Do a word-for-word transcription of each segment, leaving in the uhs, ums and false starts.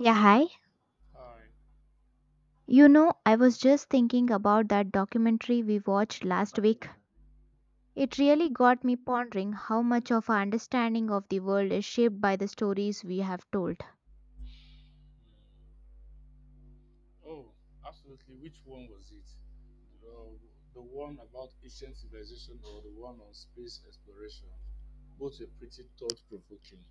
Yeah, hi. I You know, I was just thinking about that documentary we watched last week. It really got me pondering how much of our understanding of the world is shaped by the stories we have told. Oh, absolutely. Which one was it? The, the one about ancient civilization or the one on space exploration? Both were pretty thought provoking.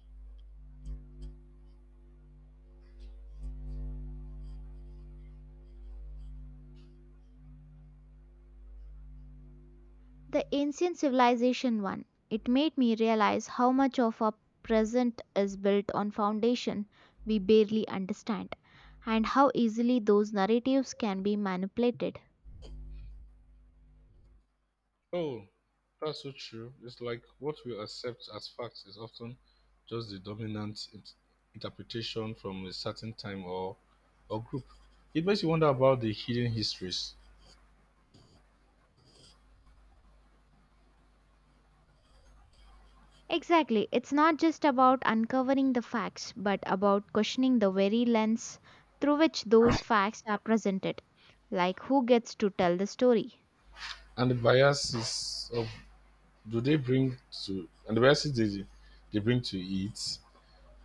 The ancient civilization one, it made me realize how much of our present is built on foundation we barely understand and how easily those narratives can be manipulated. Oh, that's so true. It's like what we accept as facts is often just the dominant int- interpretation from a certain time or, or group. It makes you wonder about the hidden histories Exactly. It's not just about uncovering the facts, but about questioning the very lens through which those facts are presented. Like, who gets to tell the story? and the biases of do they bring to and the biases they, they bring to it.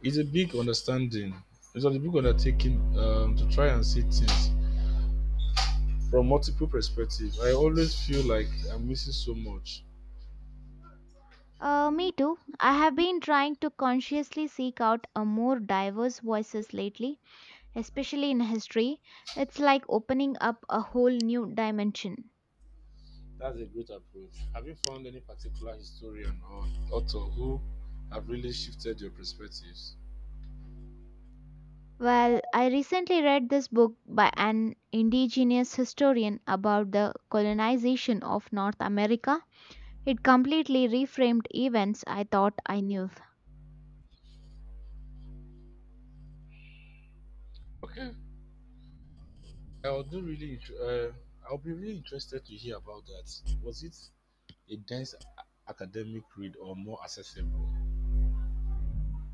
It's a big understanding. It's a big undertaking um, to try and see things from multiple perspectives. I always feel like I'm missing so much. Uh, me too. I have been trying to consciously seek out a more diverse voices lately, especially in history. It's like opening up a whole new dimension. That's a great approach. Have you found any particular historian or author who have really shifted your perspectives? Well, I recently read this book by an indigenous historian about the colonization of North America. It completely reframed events I thought I knew. Okay, I'll do really. int- Uh, I'll be really interested to hear about that. Was it a dense a- academic read or more accessible?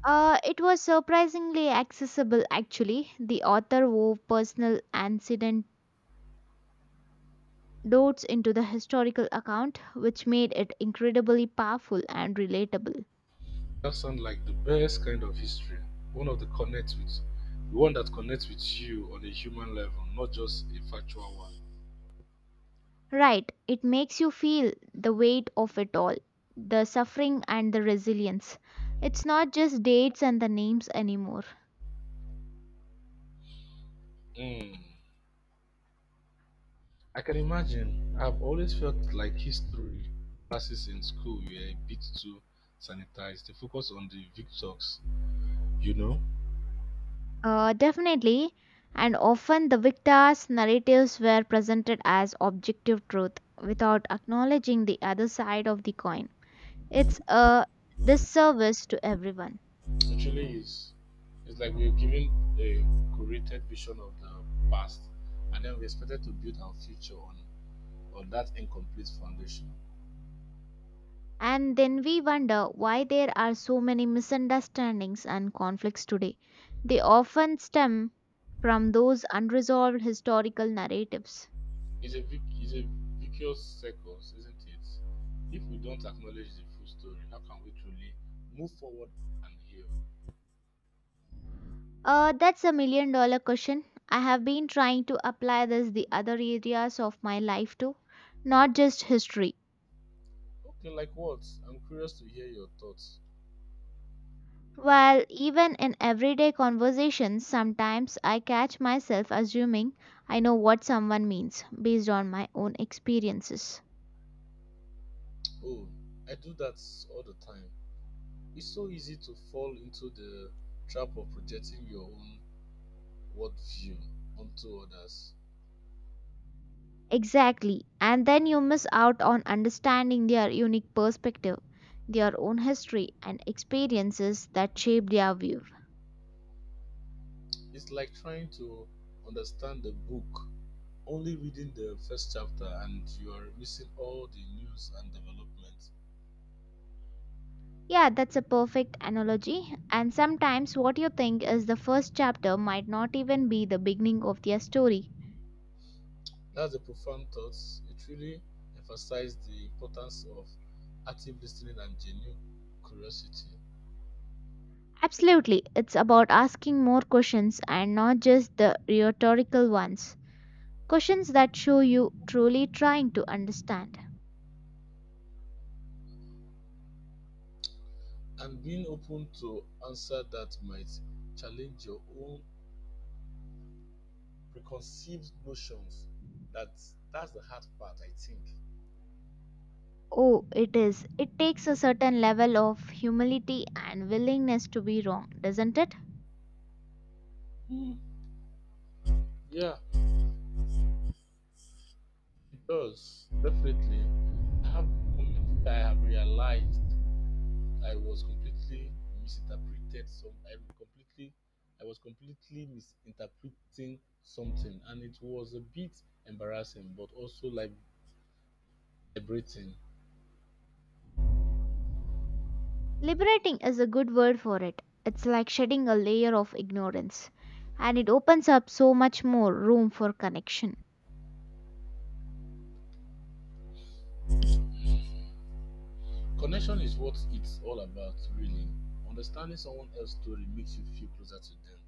Uh, it was surprisingly accessible, actually. The author wove personal anecdotes into the historical account, which made it incredibly powerful and relatable. That sounds like the best kind of history. One of the connects with The one that connects with you on a human level, not just a factual one. Right, it makes you feel the weight of it all, the suffering and the resilience. It's not just dates and the names anymore. Hmm. I can imagine. I've always felt like history classes in school were a bit too sanitized. They focus on the victors, you know? Uh, definitely, and often the victors' narratives were presented as objective truth without acknowledging the other side of the coin. It's a disservice to everyone. It really is. It's like we're given a curated vision of the past, and then we're expected to build our future on, on that incomplete foundation. And then we wonder why there are so many misunderstandings and conflicts today. They often stem from those unresolved historical narratives. It's a vic- it's a vicious circle, isn't it? If we don't acknowledge the full story, how can we truly move forward and heal? Uh, that's a million dollar question. I have been trying to apply this the other areas of my life too, not just history. Okay, like what? I'm curious to hear your thoughts. While even in everyday conversations, sometimes I catch myself assuming I know what someone means based on my own experiences. Oh, I do that all the time. It's so easy to fall into the trap of projecting your own worldview onto others. Exactly. And then you miss out on understanding their unique perspective, their own history, and experiences that shape their view. It's like trying to understand a book, only reading the first chapter, and you are missing all the news and developments. Yeah, that's a perfect analogy. And sometimes what you think is the first chapter might not even be the beginning of their story. That's a profound thought. It really emphasized the importance of active listening and genuine curiosity, Absolutely, it's about asking more questions and not just the rhetorical ones. Questions that show you truly trying to understand. and being open to answer that might challenge your own preconceived notions. That that's the hard part, I think. Oh, it is. It takes a certain level of humility and willingness to be wrong, doesn't it? Hmm. Yeah, it does definitely. I have moments that I have realized I was completely misinterpreted some I completely I was completely misinterpreting something, and it was a bit embarrassing but also like liberating. Liberating is a good word for it. It's like shedding a layer of ignorance, and it opens up so much more room for connection. Connection is what it's all about really. Understanding someone else's story makes you feel closer to them.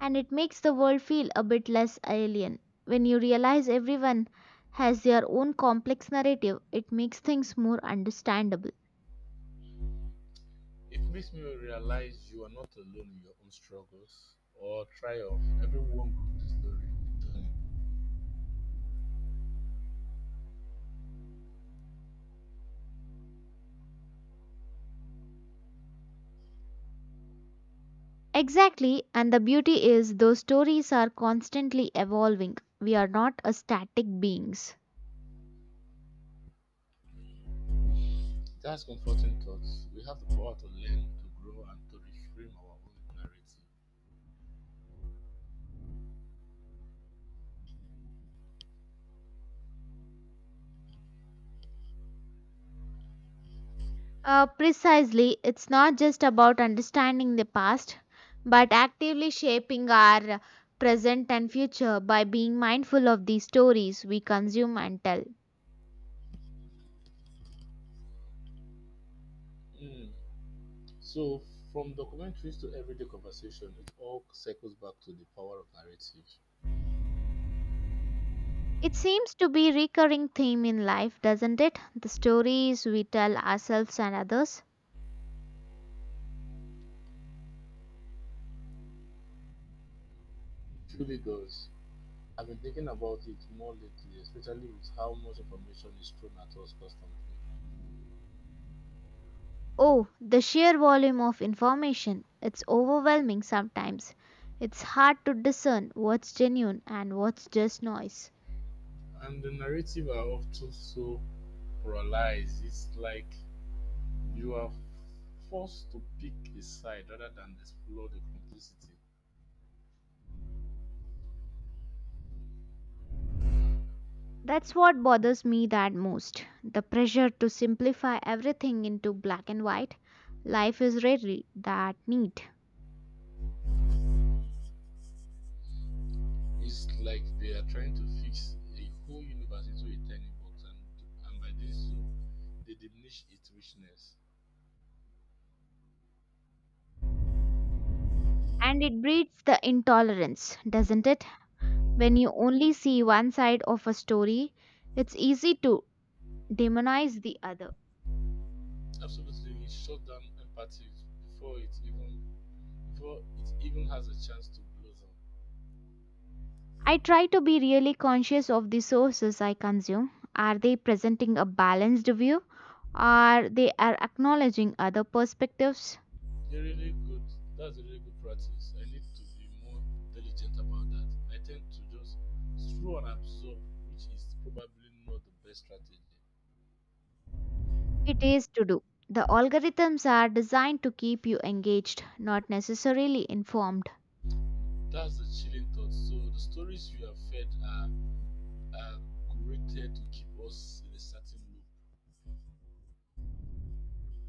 And it makes the world feel a bit less alien. When you realize everyone has their own complex narrative, it makes things more understandable. It makes me realize you are not alone in your own struggles or triumph. Everyone goes through story. Journey. Exactly, and the beauty is those stories are constantly evolving. We are not a static beings. That's comforting thoughts. We have the power to learn, to grow, and to reframe our own narrative. Uh, precisely, it's not just about understanding the past, but actively shaping our present and future by being mindful of the stories we consume and tell. Hmm. So, from documentaries to everyday conversation, it all circles back to the power of narrative. It seems to be a recurring theme in life, doesn't it? The stories we tell ourselves and others. Truly, really does. I've been thinking about it more lately, especially with how much information is thrown at us constantly. Oh, the sheer volume of information. It's overwhelming sometimes. It's hard to discern what's genuine and what's just noise. And the narrative are often so polarized. It's like you are forced to pick a side rather than explore the complexity. That's what bothers me that most. The pressure to simplify everything into black and white. Life is rarely that neat. It's like they are trying to fix a whole universe into a tiny box, and, and by this, they diminish its richness. And it breeds the intolerance, doesn't it? When you only see one side of a story, it's easy to demonize the other. Absolutely, it shuts down empathy before it even before it even has a chance to blossom. I try to be really conscious of the sources I consume. Are they presenting a balanced view? Are they are acknowledging other perspectives? A really good That's a really good practice. I need to be more diligent about that. I tend to just throw and absorb, which is probably not the best strategy. It is to do. The algorithms are designed to keep you engaged, not necessarily informed. That's the chilling thought. So the stories you are fed are are curated to keep us in a certain loop.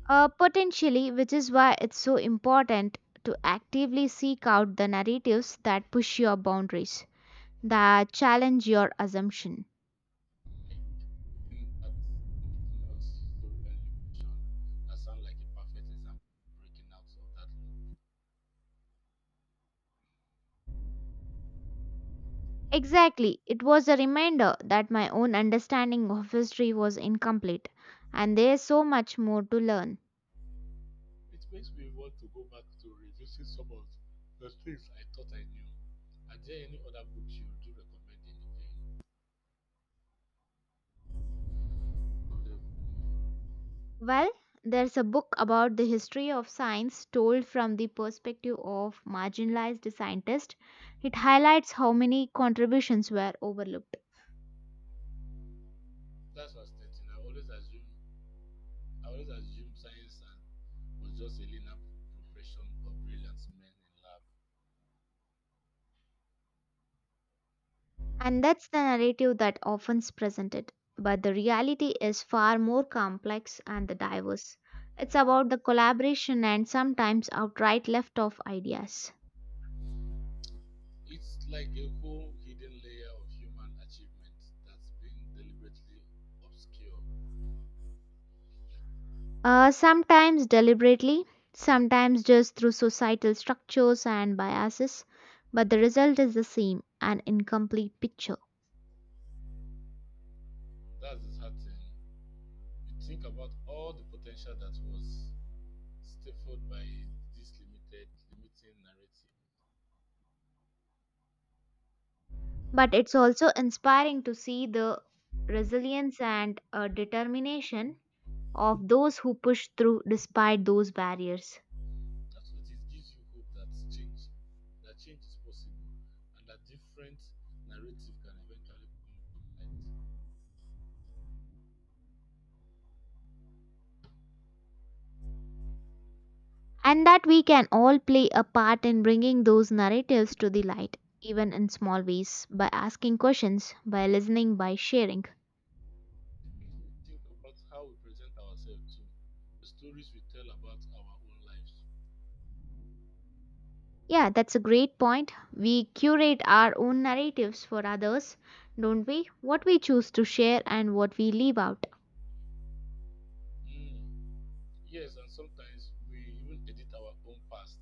Uh, potentially, which is why it's so important to actively seek out the narratives that push your boundaries, that challenge your assumption. Like in that you know, story that you mentioned, that sounds like a perfect example breaking out of that. Exactly, it was a reminder that my own understanding of history was incomplete, and there's so much more to learn. It makes me want to go back to revisiting some of the things I thought I knew. Are there any other books you do recommend in the vein? Well, there's a book about the history of science told from the perspective of marginalized scientists. It highlights how many contributions were overlooked. That's fascinating. I always assume I always assume science and was just a linear progression of brilliant men in lab. And that's the narrative that often is presented. But the reality is far more complex and diverse. It's about the collaboration and sometimes outright left off ideas. It's like a whole hidden layer of human achievement that's been deliberately obscured. Uh, sometimes deliberately, sometimes just through societal structures and biases, but the result is the same an incomplete picture. That's disheartening. You think about all the potential that was stifled by this limited, limiting narrative. But it's also inspiring to see the resilience and uh, determination of those who push through despite those barriers. At least it gives you hope that change, that change is possible, and that different narrative can eventually come to light. And that we can all play a part in bringing those narratives to the light, even in small ways, by asking questions, by listening, by sharing. Think about how we present ourselves too, the stories we tell about our own lives. Yeah, that's a great point. We curate our own narratives for others, don't we? What we choose to share and what we leave out. Mm, yes, and sometimes we even edit our own past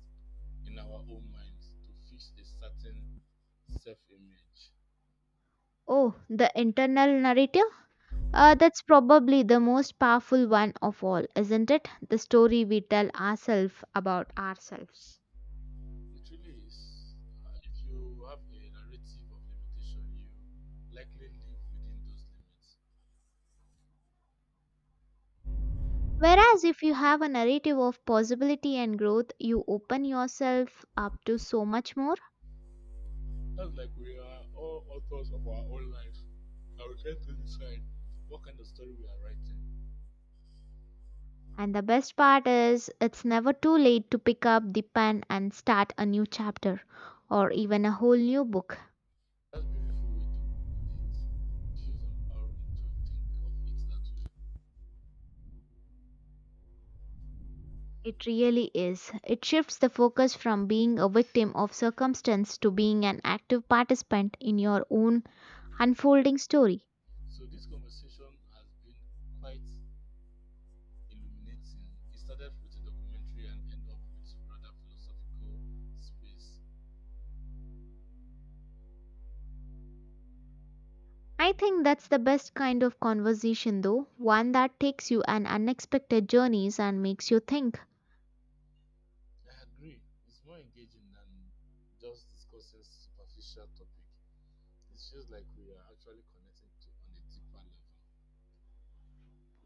in our own minds to fix a certain self-image. Oh, the internal narrative? Uh, that's probably the most powerful one of all, isn't it? The story we tell ourselves about ourselves. It really is. Uh, if you have a narrative of limitation, you likely live within those limits. Whereas if you have a narrative of possibility and growth, you open yourself up to so much more. That's like we are all authors of our own life, and we get to decide what kind of story we are writing. And the best part is, it's never too late to pick up the pen and start a new chapter or even a whole new book. That's a beautiful way to put it. It feels empowering to think of it that way. It really is. It shifts the focus from being a victim of circumstance to being an active participant in your own unfolding story. So this conversation has been quite illuminating. It started with a documentary and ended up with rather philosophical space. I think that's the best kind of conversation, though, one that takes you on unexpected journeys and makes you think. I agree. It's more engaging than just discussing superficial topic. It feels like we are actually connecting to on a deeper level.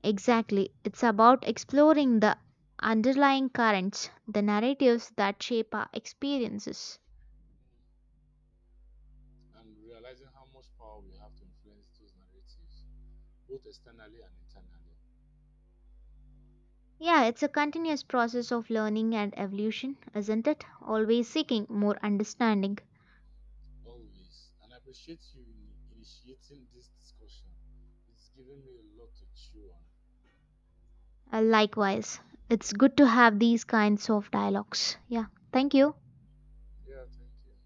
Exactly. It's about exploring the underlying currents, the narratives that shape our experiences. Mm, and realizing how much power we have to influence those narratives, both externally and internally. Yeah, it's a continuous process of learning and evolution, isn't it? Always seeking more understanding. Always. And I appreciate you in initiating this discussion. It's given me a lot to chew on. Uh, likewise, it's good to have these kinds of dialogues. Yeah, thank you. Yeah, thank you.